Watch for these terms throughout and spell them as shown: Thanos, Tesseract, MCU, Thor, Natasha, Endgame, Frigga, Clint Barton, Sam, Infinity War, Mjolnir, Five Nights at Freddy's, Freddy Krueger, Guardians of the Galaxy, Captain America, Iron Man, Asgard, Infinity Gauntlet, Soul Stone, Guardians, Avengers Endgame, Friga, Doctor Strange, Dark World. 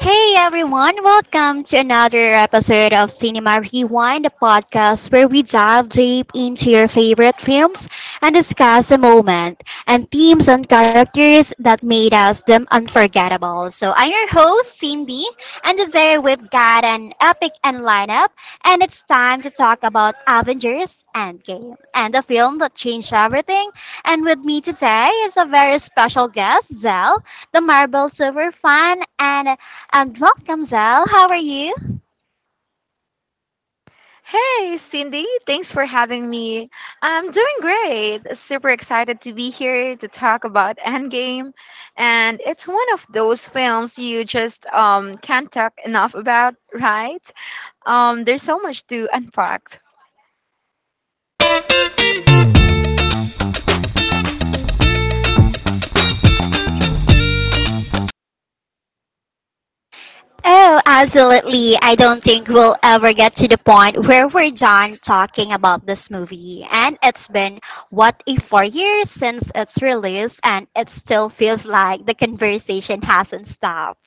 Hey everyone, welcome to another episode of Cinema Rewind, the podcast where we dive deep into your favorite films and discuss the moment and themes and characters that made us them unforgettable. So I'm your host, Cindy, and today we've got an epic and lineup, and it's time to talk about Avengers Endgame and the film that changed everything. And with me today is a very special guest, Zell, the Marvel Silver fan and welcome, Zal. How are you? Hey, Cindy. Thanks for having me. I'm doing great. Super excited to be here to talk about Endgame. And it's one of those films you just can't talk enough about, right? There's so much to unpack. Oh, absolutely. I don't think we'll ever get to the point where we're done talking about this movie. And it's been, what, a four years since its release, and it still feels like the conversation hasn't stopped.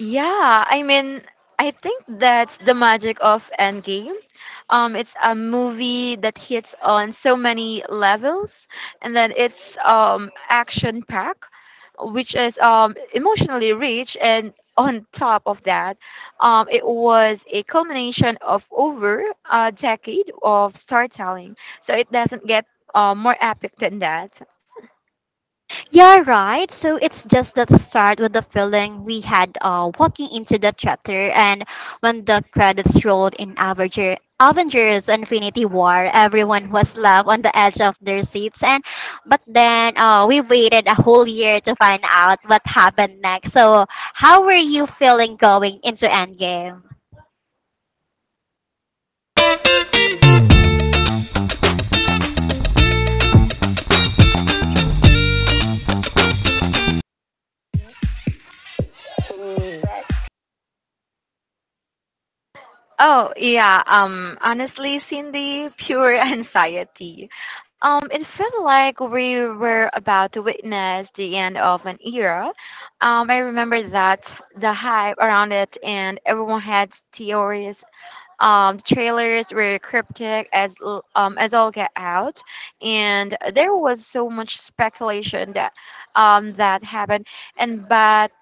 Yeah, I mean, I think that's the magic of Endgame. It's a movie that hits on so many levels, and then it's action packed, which is emotionally rich, and on top of that, it was a culmination of over a decade of storytelling. So it doesn't get more epic than that. Yeah, right. So it's just that start with the feeling we had walking into the chapter, and when the credits rolled in Avengers: Infinity War, everyone was left on the edge of their seats. And but then we waited a whole year to find out what happened next. So how were you feeling going into Endgame? Oh, yeah. Honestly, Cindy, pure anxiety. It felt like we were about to witness the end of an era. I remember that the hype around it and everyone had theories. The trailers were cryptic as as all get out, and there was so much speculation that happened. And but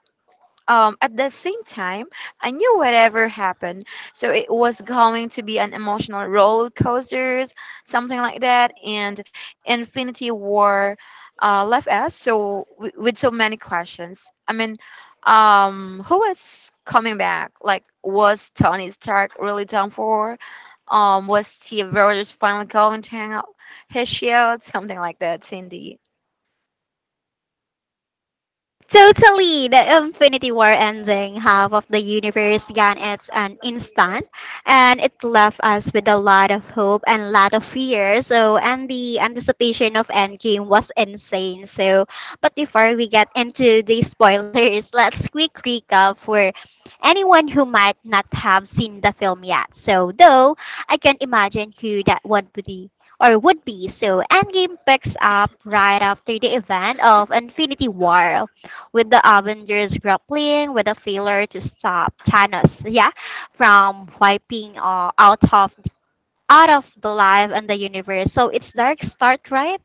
at the same time, I knew whatever happened, so it was going to be an emotional roller coasters, something like that, and Infinity War left us with so many questions. I mean, who was coming back? Like, was Tony Stark really done for? Was Steve Rogers finally going to hang out his shield? Something like that, Cindy. Totally, the Infinity War ending, half of the universe gone, it's an instant, and it left us with a lot of hope and a lot of fear. So, and the anticipation of Endgame was insane. So, but before we get into the spoilers, let's quick recap for anyone who might not have seen the film yet. So, though I can imagine who that would be. So Endgame picks up right after the event of Infinity War with the Avengers grappling with a failure to stop Thanos, yeah, from wiping out of the life and the universe. So it's dark start, right?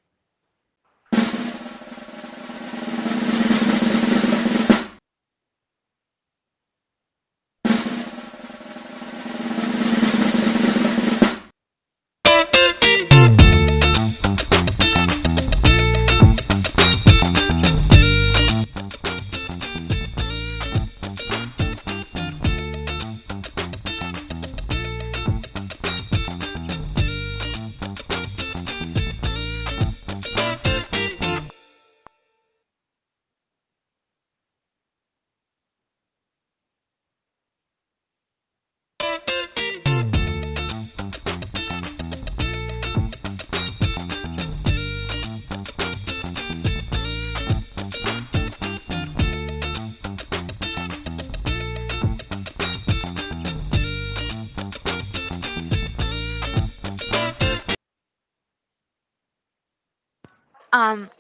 Um,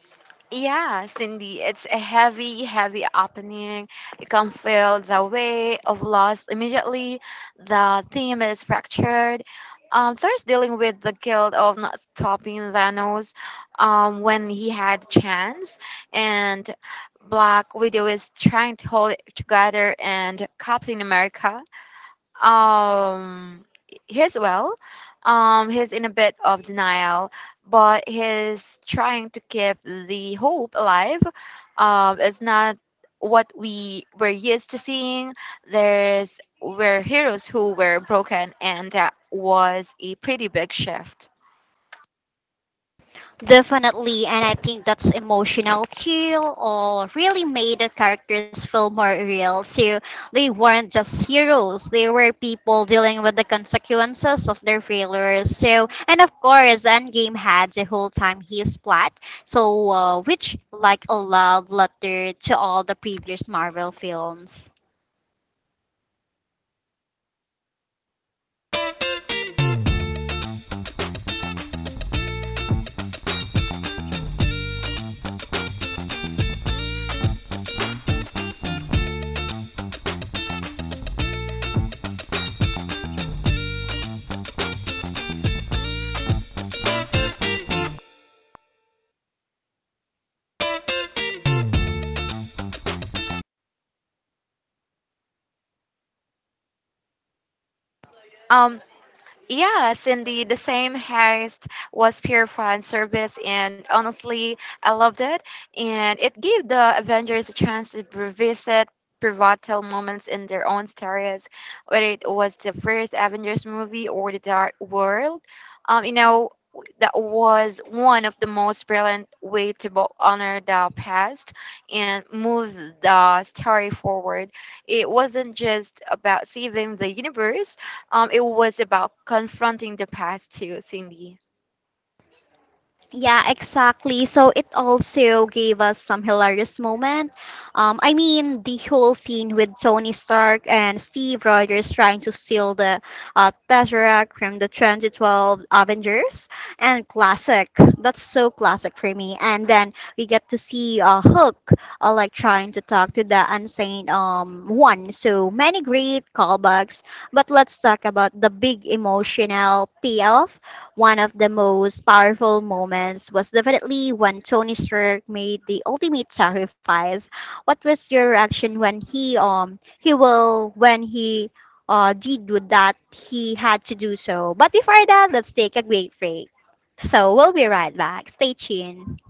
Yeah, Cindy, it's a heavy, heavy opening. You can feel the weight of loss immediately. The theme is fractured. Thor's dealing with the guilt of not stopping Thanos when he had chance, and Black Widow is trying to hold it together, and Captain America um he's well, he's in a bit of denial, but he's trying to keep the hope alive. It's not what we were used to seeing. There's were heroes who were broken, and that was a pretty big shift. Definitely, and I think that's emotional too, or really made the characters feel more real. So they weren't just heroes, they were people dealing with the consequences of their failures. So, and of course, Endgame had the whole time his plot, so which like a love letter to all the previous Marvel films. um Yes, indeed. The same heist was pure fan service, and honestly, I loved it. And it gave the Avengers a chance to revisit pivotal moments in their own stories, whether it was the first Avengers movie or the Dark World. Um, you know, that was one of the most brilliant way to both honor the past and move the story forward. It wasn't just about saving the universe. Um, it was about confronting the past too, Cindy. Yeah, exactly. So it also gave us some hilarious moment. I mean, the whole scene with Tony Stark and Steve Rogers trying to steal the Tesseract from the 2012 Avengers and classic. That's so classic for me. And then we get to see Hook like trying to talk to the Unsane One. So many great callbacks. But let's talk about the big emotional payoff, one of the most powerful moments was definitely when Tony Stark made the ultimate sacrifice. What was your reaction when he will when he did with that he had to do so. But before that, let's take a quick break. So we'll be right back. Stay tuned.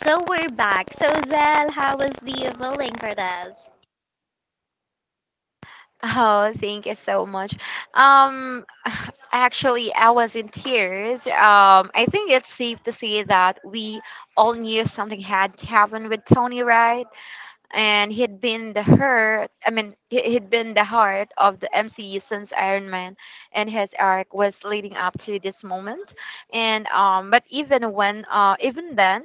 So we're back. So Zell, how was the feeling for this? Oh, thank you so much. Um, actually, I was in tears. I think it's safe to say that we all knew something had happened with Tony, right? And he'd been the her, I mean he- he'd been the heart of the MCU since Iron Man, and his arc was leading up to this moment. And but even when even then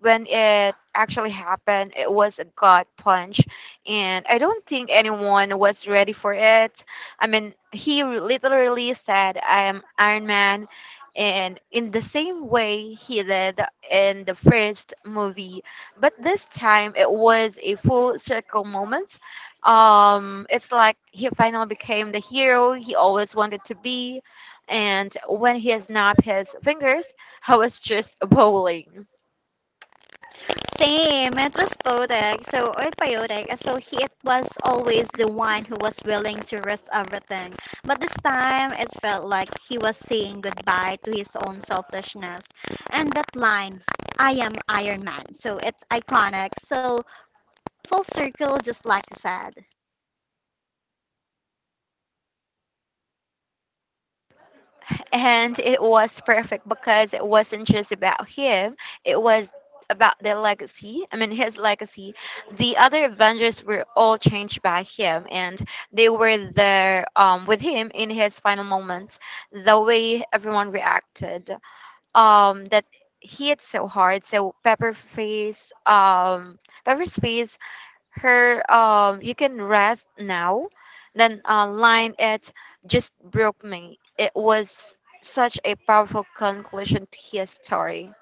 When it actually happened, it was a gut punch, and I don't think anyone was ready for it. I mean, he literally said, "I am Iron Man," and in the same way he did in the first movie, but this time it was a full circle moment. It's like he finally became the hero he always wanted to be, and when he snapped his fingers, I was just bowling, Same, it was poetic, so or Piotek, so he it was always the one who was willing to risk everything. But this time it felt like he was saying goodbye to his own selfishness. And that line, I am Iron Man, so it's iconic. So full circle just like you said. and it was perfect because it wasn't just about him; it was about their legacy. I mean, his legacy. The other Avengers were all changed by him, and they were there with him in his final moments, the way everyone reacted. That hit so hard. So Pepper's face, her "you can rest now." Then line it just broke me. It was such a powerful conclusion to his story.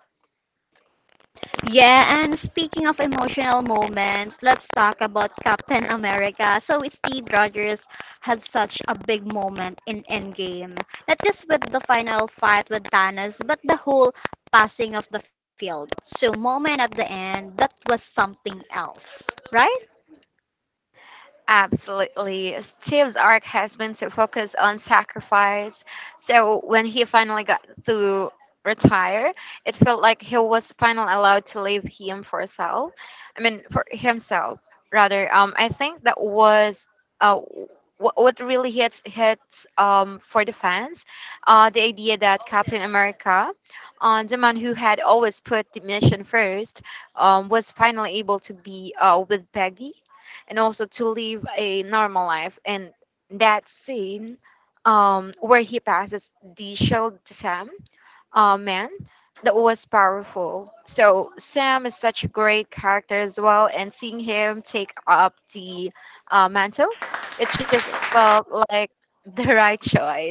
Yeah, and speaking of emotional moments, let's talk about Captain America. So Steve Rogers had such a big moment in Endgame, not just with the final fight with Thanos, but the whole passing of the field. So moment at the end, that was something else, right? Absolutely. Steve's arc has been to focus on sacrifice. So when he finally got to retire, it felt like he was finally allowed to leave him for himself rather. I think that was uh what really hits for the fans, the idea that Captain America, the man who had always put the mission first, was finally able to be with Peggy and also to live a normal life. And that scene where he passes the shield to Sam, man, that was powerful. So Sam is such a great character as well, and seeing him take up the mantle, it just felt like the right choice.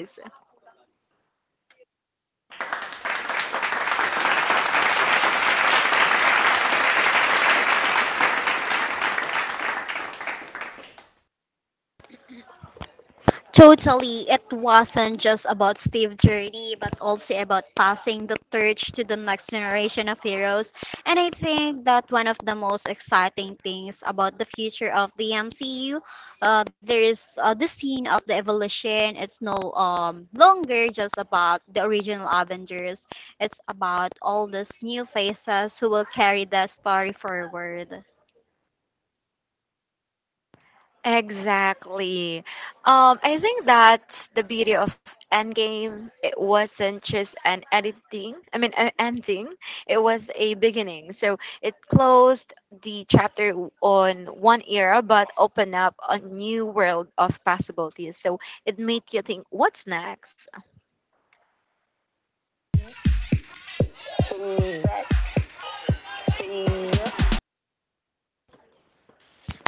Totally, it wasn't just about Steve Journey, but also about passing the torch to the next generation of heroes. And I think that one of the most exciting things about the future of the MCU, there is the scene of the evolution. It's no longer just about the original Avengers. It's about all these new faces who will carry the story forward. Exactly. I think that's the beauty of Endgame. It wasn't just an editing, I mean, an ending, it was a beginning. So it closed the chapter on one era, but opened up a new world of possibilities. So it made you think, what's next?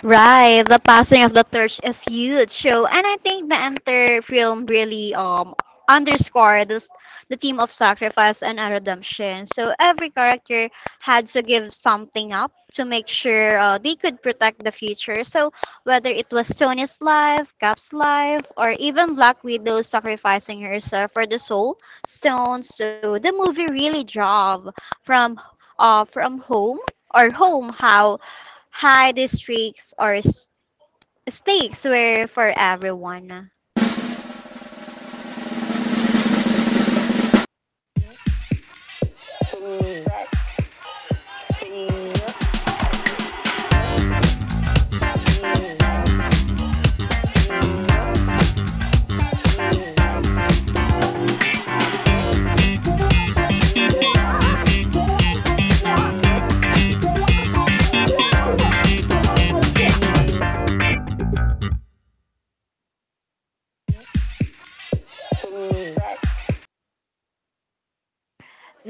Right, the passing of the torch is huge. So, and I think the entire film really underscored this the theme of sacrifice and a redemption. So every character had to give something up to make sure they could protect the future. So whether it was Tony's life, Cap's life, or even Black Widow sacrificing herself for the Soul Stone. So the movie really drove from home or home how high districts stakes were for everyone.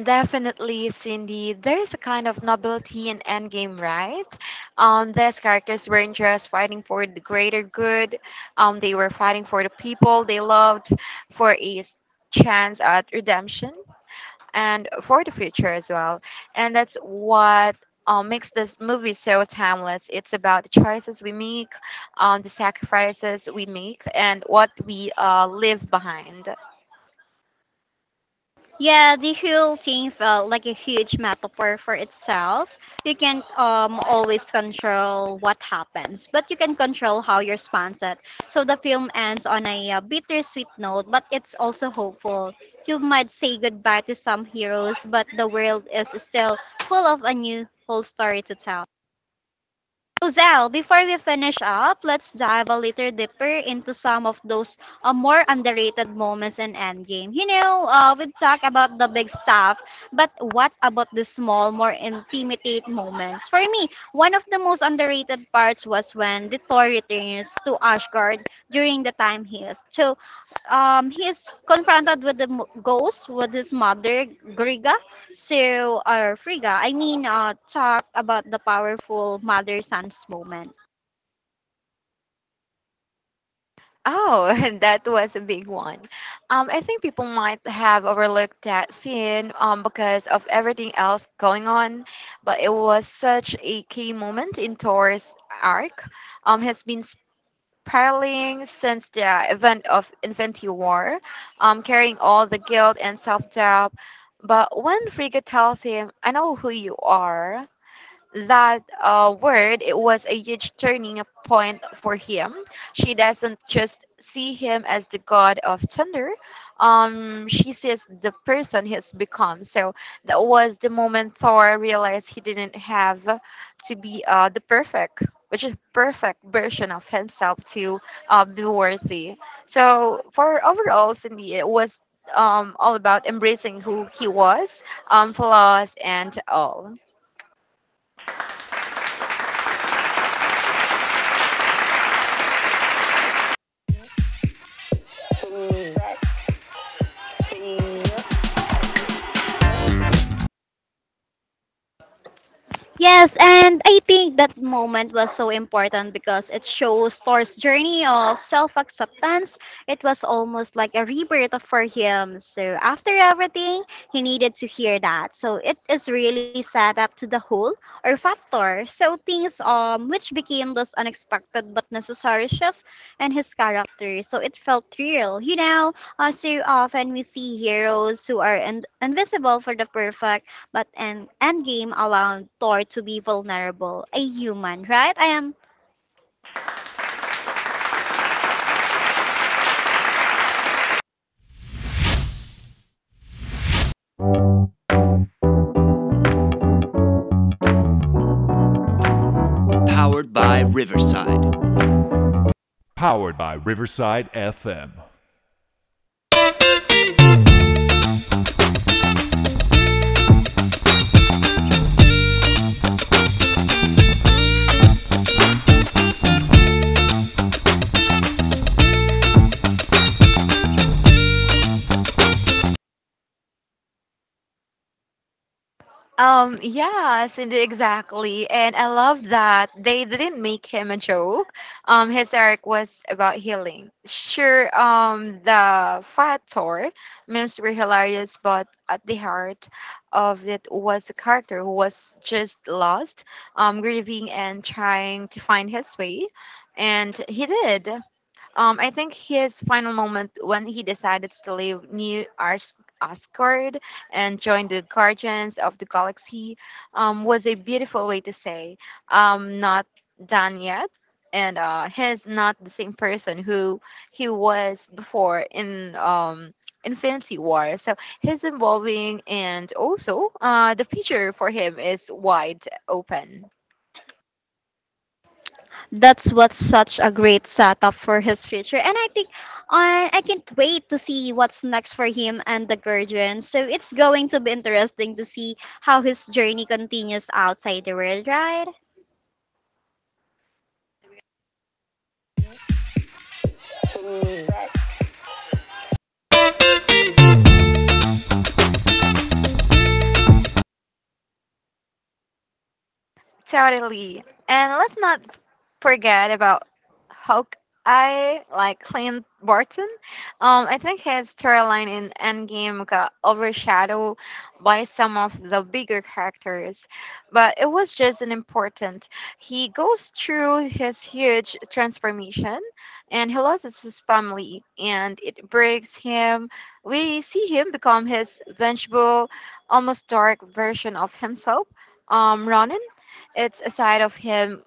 Definitely, Cindy. There is a kind of nobility in Endgame, right? These characters weren't just fighting for the greater good. They were fighting for the people they loved, for a chance at redemption, and for the future as well. And that's what makes this movie so timeless. It's about the choices we make, the sacrifices we make, and what we leave behind. Yeah, the whole thing felt like a huge metaphor for itself. You can't always control what happens, but you can control how you response it. So the film ends on a bittersweet note, but it's also hopeful. You might say goodbye to some heroes, but the world is still full of a new whole story to tell. So, Zell, before we finish up, let's dive a little deeper into some of those more underrated moments in Endgame. You know, we talk about the big stuff, but what about the small, more intimate moments? For me, one of the most underrated parts was when the Thor returns to Asgard during the time he is. So, he is confronted with the ghost, with his mother, Griga, so, Friga, I mean, talk about the powerful mother-son's moment. Oh, that was a big one. I think people might have overlooked that scene because of everything else going on, but it was such a key moment in Thor's arc. Has been spiraling since the event of Infinity War, carrying all the guilt and self doubt. But when Frigga tells him, "I know who you are," that word it was a huge turning point for him. She doesn't just see him as the god of thunder. She sees the person he's become, so that was the moment Thor realized he didn't have to be the perfect which is perfect version of himself to be worthy. So for overall, Cindy, it was all about embracing who he was, flaws and all. Yes, and I think that moment was so important because it shows Thor's journey of self acceptance. It was almost like a rebirth for him. So, after everything, he needed to hear that. So, it is really set up to the whole or factor. So, things which became this unexpected but necessary shift in his character. So, it felt real. You know, so often we see heroes who are invisible for the perfect but an endgame allowed Thor to be vulnerable, a human, right? I am. Yes, indeed, exactly. And I love that they didn't make him a joke. His arc was about healing. Sure, the fat factor memes were hilarious, but at the heart of it was a character who was just lost, grieving and trying to find his way. And he did. I think his final moment when he decided to leave Asgard and join the Guardians of the Galaxy was a beautiful way to say, not done yet. And he's not the same person who he was before in Infinity War. So he's evolving, and also the future for him is wide open. That's what's such a great setup for his future, and I think I can't wait to see what's next for him and the Guardians. So it's going to be interesting to see how his journey continues outside the world, right? Totally. And let's not forget about Hawkeye, like Clint Barton. I think his storyline in Endgame got overshadowed by some of the bigger characters, but it was just an important. He goes through his huge transformation, and he loses his family, and it breaks him. We see him become his vengeful, almost dark version of himself, Ronan. It's a side of him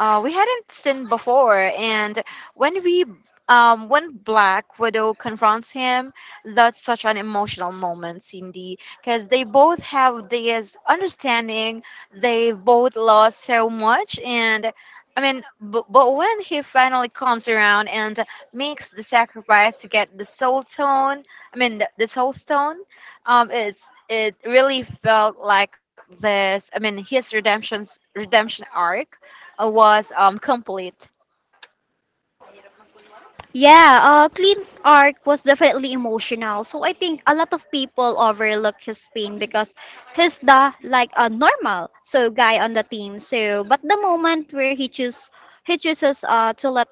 we hadn't seen before. And when we when Black Widow confronts him, that's such an emotional moment, Cindy, because they both have this understanding. They both lost so much, and I mean, but when he finally comes around and makes the sacrifice to get the Soul Stone, it's it really felt like this. His redemption arc was complete. Yeah, Clean Arc was definitely emotional. So I think a lot of people overlook his pain because he's the like a normal so guy on the team. So but the moment where he chooses to let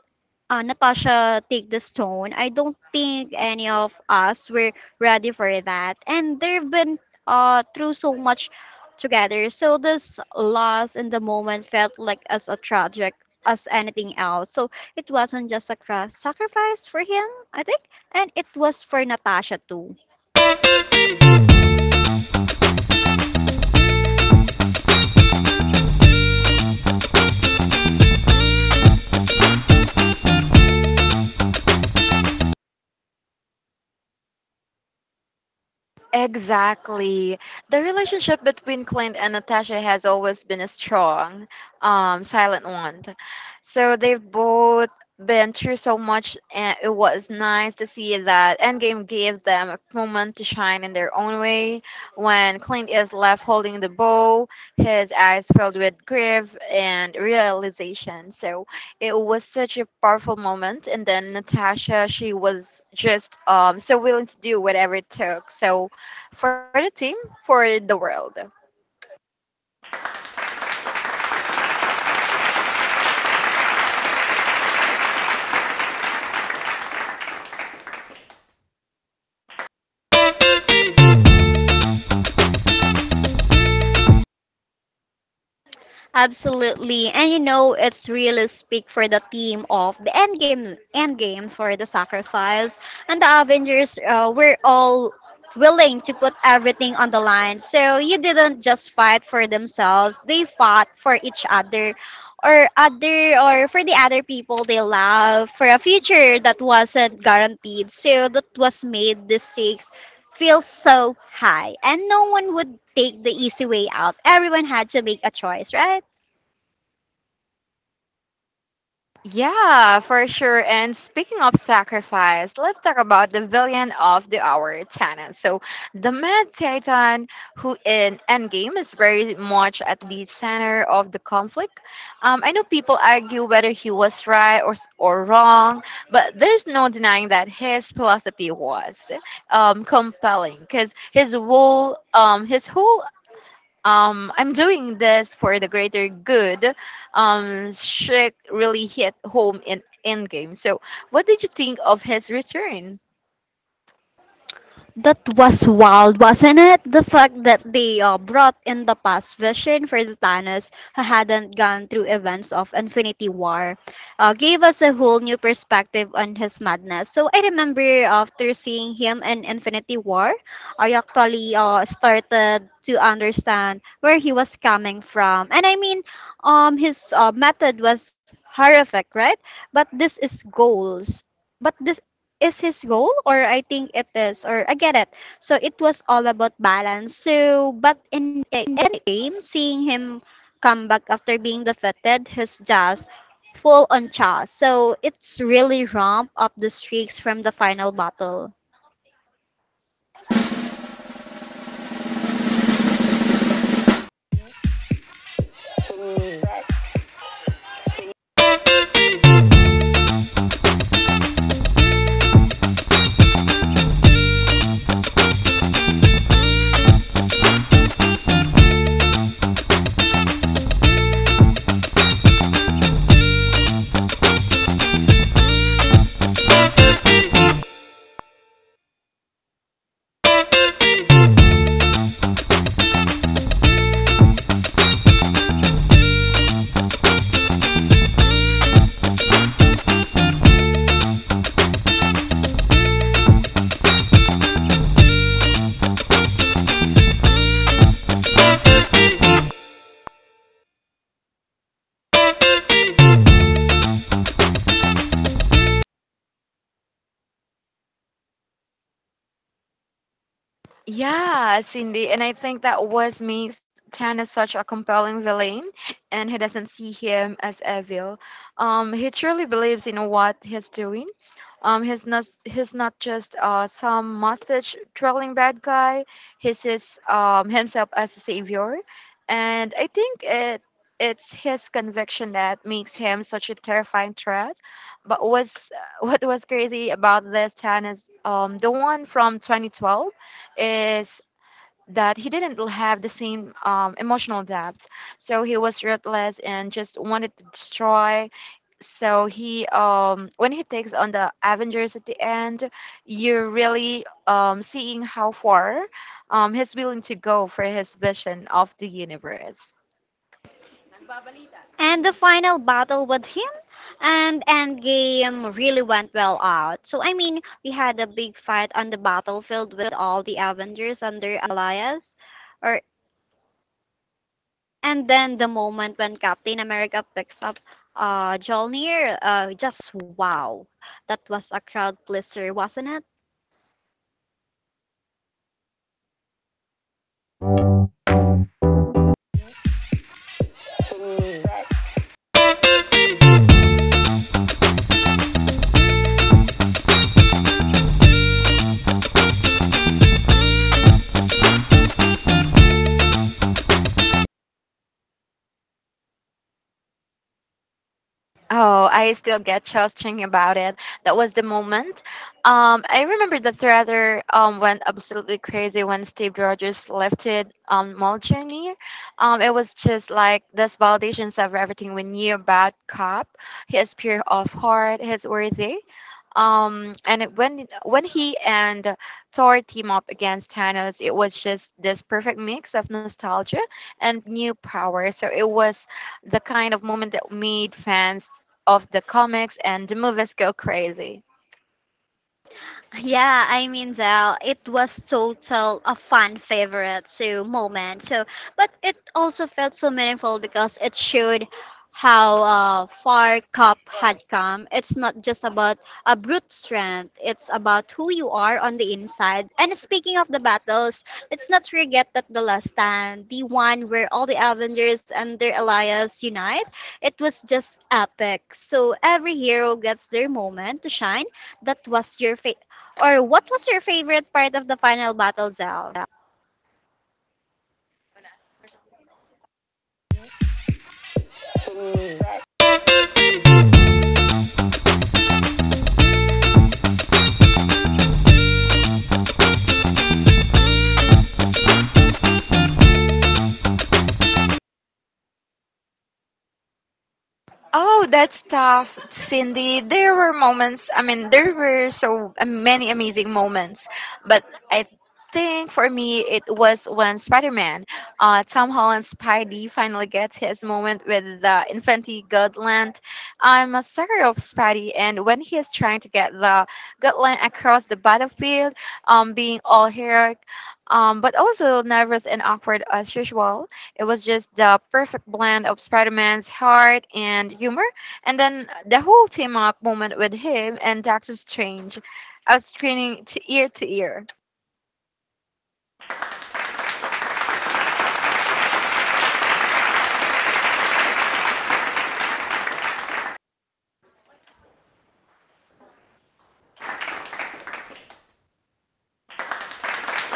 Natasha take the stone, I don't think any of us were ready for that. And they've been through so much together. So this loss in the moment felt like as a tragic as anything else. So it wasn't just a sacrifice for him, I think, and it was for Natasha too. Exactly. The relationship between Clint and Natasha has always been a strong, silent one. So they've both been through so much, and it was nice to see that Endgame gave them a moment to shine in their own way. When Clint is left holding the bow, his eyes filled with grief and realization. So it was such a powerful moment. And then Natasha, she was just so willing to do whatever it took. So for the team, for the world. Absolutely. And you know, it's really speak for the theme of the end game for the sacrifice. And the Avengers were all willing to put everything on the line. So you didn't just fight for themselves, they fought for each other or for the other people they love for a future that wasn't guaranteed. So that was made the stakes feel so high and no one would take the easy way out, everyone had to make a choice, right? Yeah, for sure. And speaking of sacrifice, let's talk about the villain of the hour, Thanos. So, the Mad Titan, who in Endgame is very much at the center of the conflict. I know people argue whether he was right or wrong, but there's no denying that his philosophy was compelling because his whole I'm doing this for the greater good. Shrek really hit home in Endgame. So, what did you think of his return? That was wild, wasn't it? The fact that they brought in the past vision for the Thanos who hadn't gone through events of Infinity War gave us a whole new perspective on his madness. So I remember after seeing him in Infinity War, I actually started to understand where he was coming from. And I mean, his method was horrific, right? But this is goals. But this is his goal or I think it is or I get it. So it was all about balance. So but in the end game, seeing him come back after being defeated, his just full on charge. So it's really ramp up the streaks from the final battle. Yeah, Cindy, and I think that was makes Tan as such a compelling villain, and he doesn't see him as evil. He truly believes in what he's doing. He's not just some mustache twirling bad guy. He sees himself as a savior, and I think it's his conviction that makes him such a terrifying threat. But was what was crazy about this Tan is the one from 2012 is that he didn't have the same emotional depth. So he was ruthless and just wanted to destroy. So he, when he takes on the Avengers at the end, you're really seeing how far he's willing to go for his vision of the universe. And the final battle with him and Endgame really went well out. So I mean, we had a big fight on the battlefield with all the Avengers under Elias. Or And then the moment when Captain America picks up Jolnir, just wow. That was a crowd pleaser, wasn't it? Oh, I still get chills thinking about it. That was the moment. I remember the Threader went absolutely crazy when Steve Rogers lifted Molchany. It was just like this validations of everything we knew about Cop. He is pure of heart. He's worthy. When he and Thor team up against Thanos, it was just this perfect mix of nostalgia and new power. So it was the kind of moment that made fans of the comics and the movies go crazy. Yeah, I mean, Zell, it was total a fan favorite so moment. So, but it also felt so meaningful because it showed how far Cup had come. It's not just about a brute strength; it's about who you are on the inside. And speaking of the battles, let's not forget that the last stand, the one where all the Avengers and their allies unite, it was just epic. So every hero gets their moment to shine, that was your fa- or what was your favorite part of the final battle, Zal? Oh, that's tough, Cindy. There were moments, I mean, there were so many amazing moments, but I think for me it was when Spider-Man, Tom Holland's Spidey finally gets his moment with the Infinity Gauntlet. I'm a sucker of Spidey, and when he is trying to get the Gauntlet across the battlefield, being all heroic, but also nervous and awkward as usual. It was just the perfect blend of Spider Man's heart and humor, and then the whole team up moment with him and Doctor Strange. I was screening to ear to ear.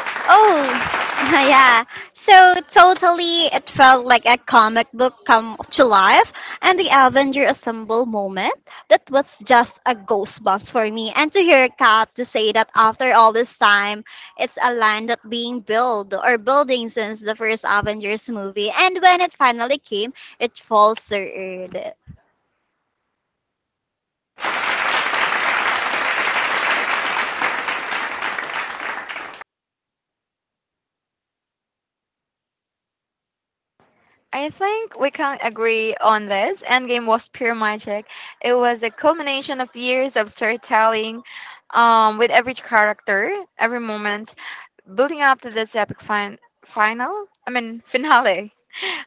Oh, yeah. So totally, it felt like a comic book come to life, and the Avenger Assemble moment. That was just a goosebumps for me. And to hear Cap to say that after all this time, it's a line that being built or building since the first Avengers movie, and when it finally came, it falls so early. I think we can agree on this. Endgame was pure magic. It was a culmination of years of storytelling with every character, every moment, building up to this epic finale.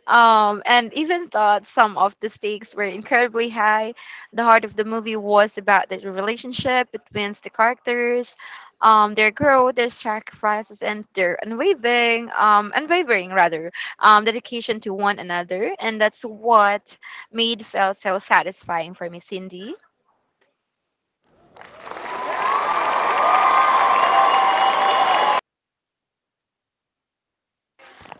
And even though some of the stakes were incredibly high, the heart of the movie was about the relationship between the characters, their growth, their sacrifices, and their unwavering rather, dedication to one another, and that's what made felt so satisfying for me, Cindy.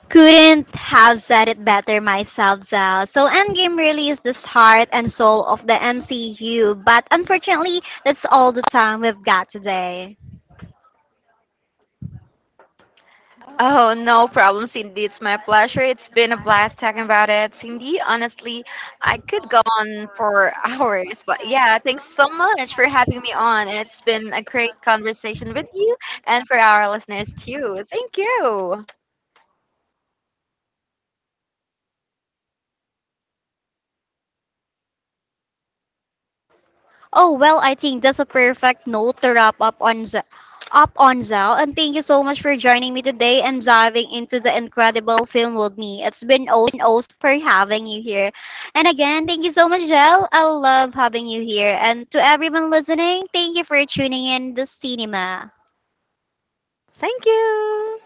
Couldn't have said it better myself, Zal. So Endgame really is the heart and soul of the MCU, but unfortunately, that's all the time we've got today. Oh, no problem, Cindy. It's my pleasure. It's been a blast talking about it. Cindy, honestly, I could go on for hours, but yeah, thanks so much for having me on. It's been a great conversation with you and for our listeners too. Thank you. Oh well, I think that's a perfect note to wrap up on Zal, and thank you so much for joining me today and diving into the incredible film with me. It's been oh so for having you here, and again, thank you so much, Zal. I love having you here, and to everyone listening, thank you for tuning in to cinema. Thank you.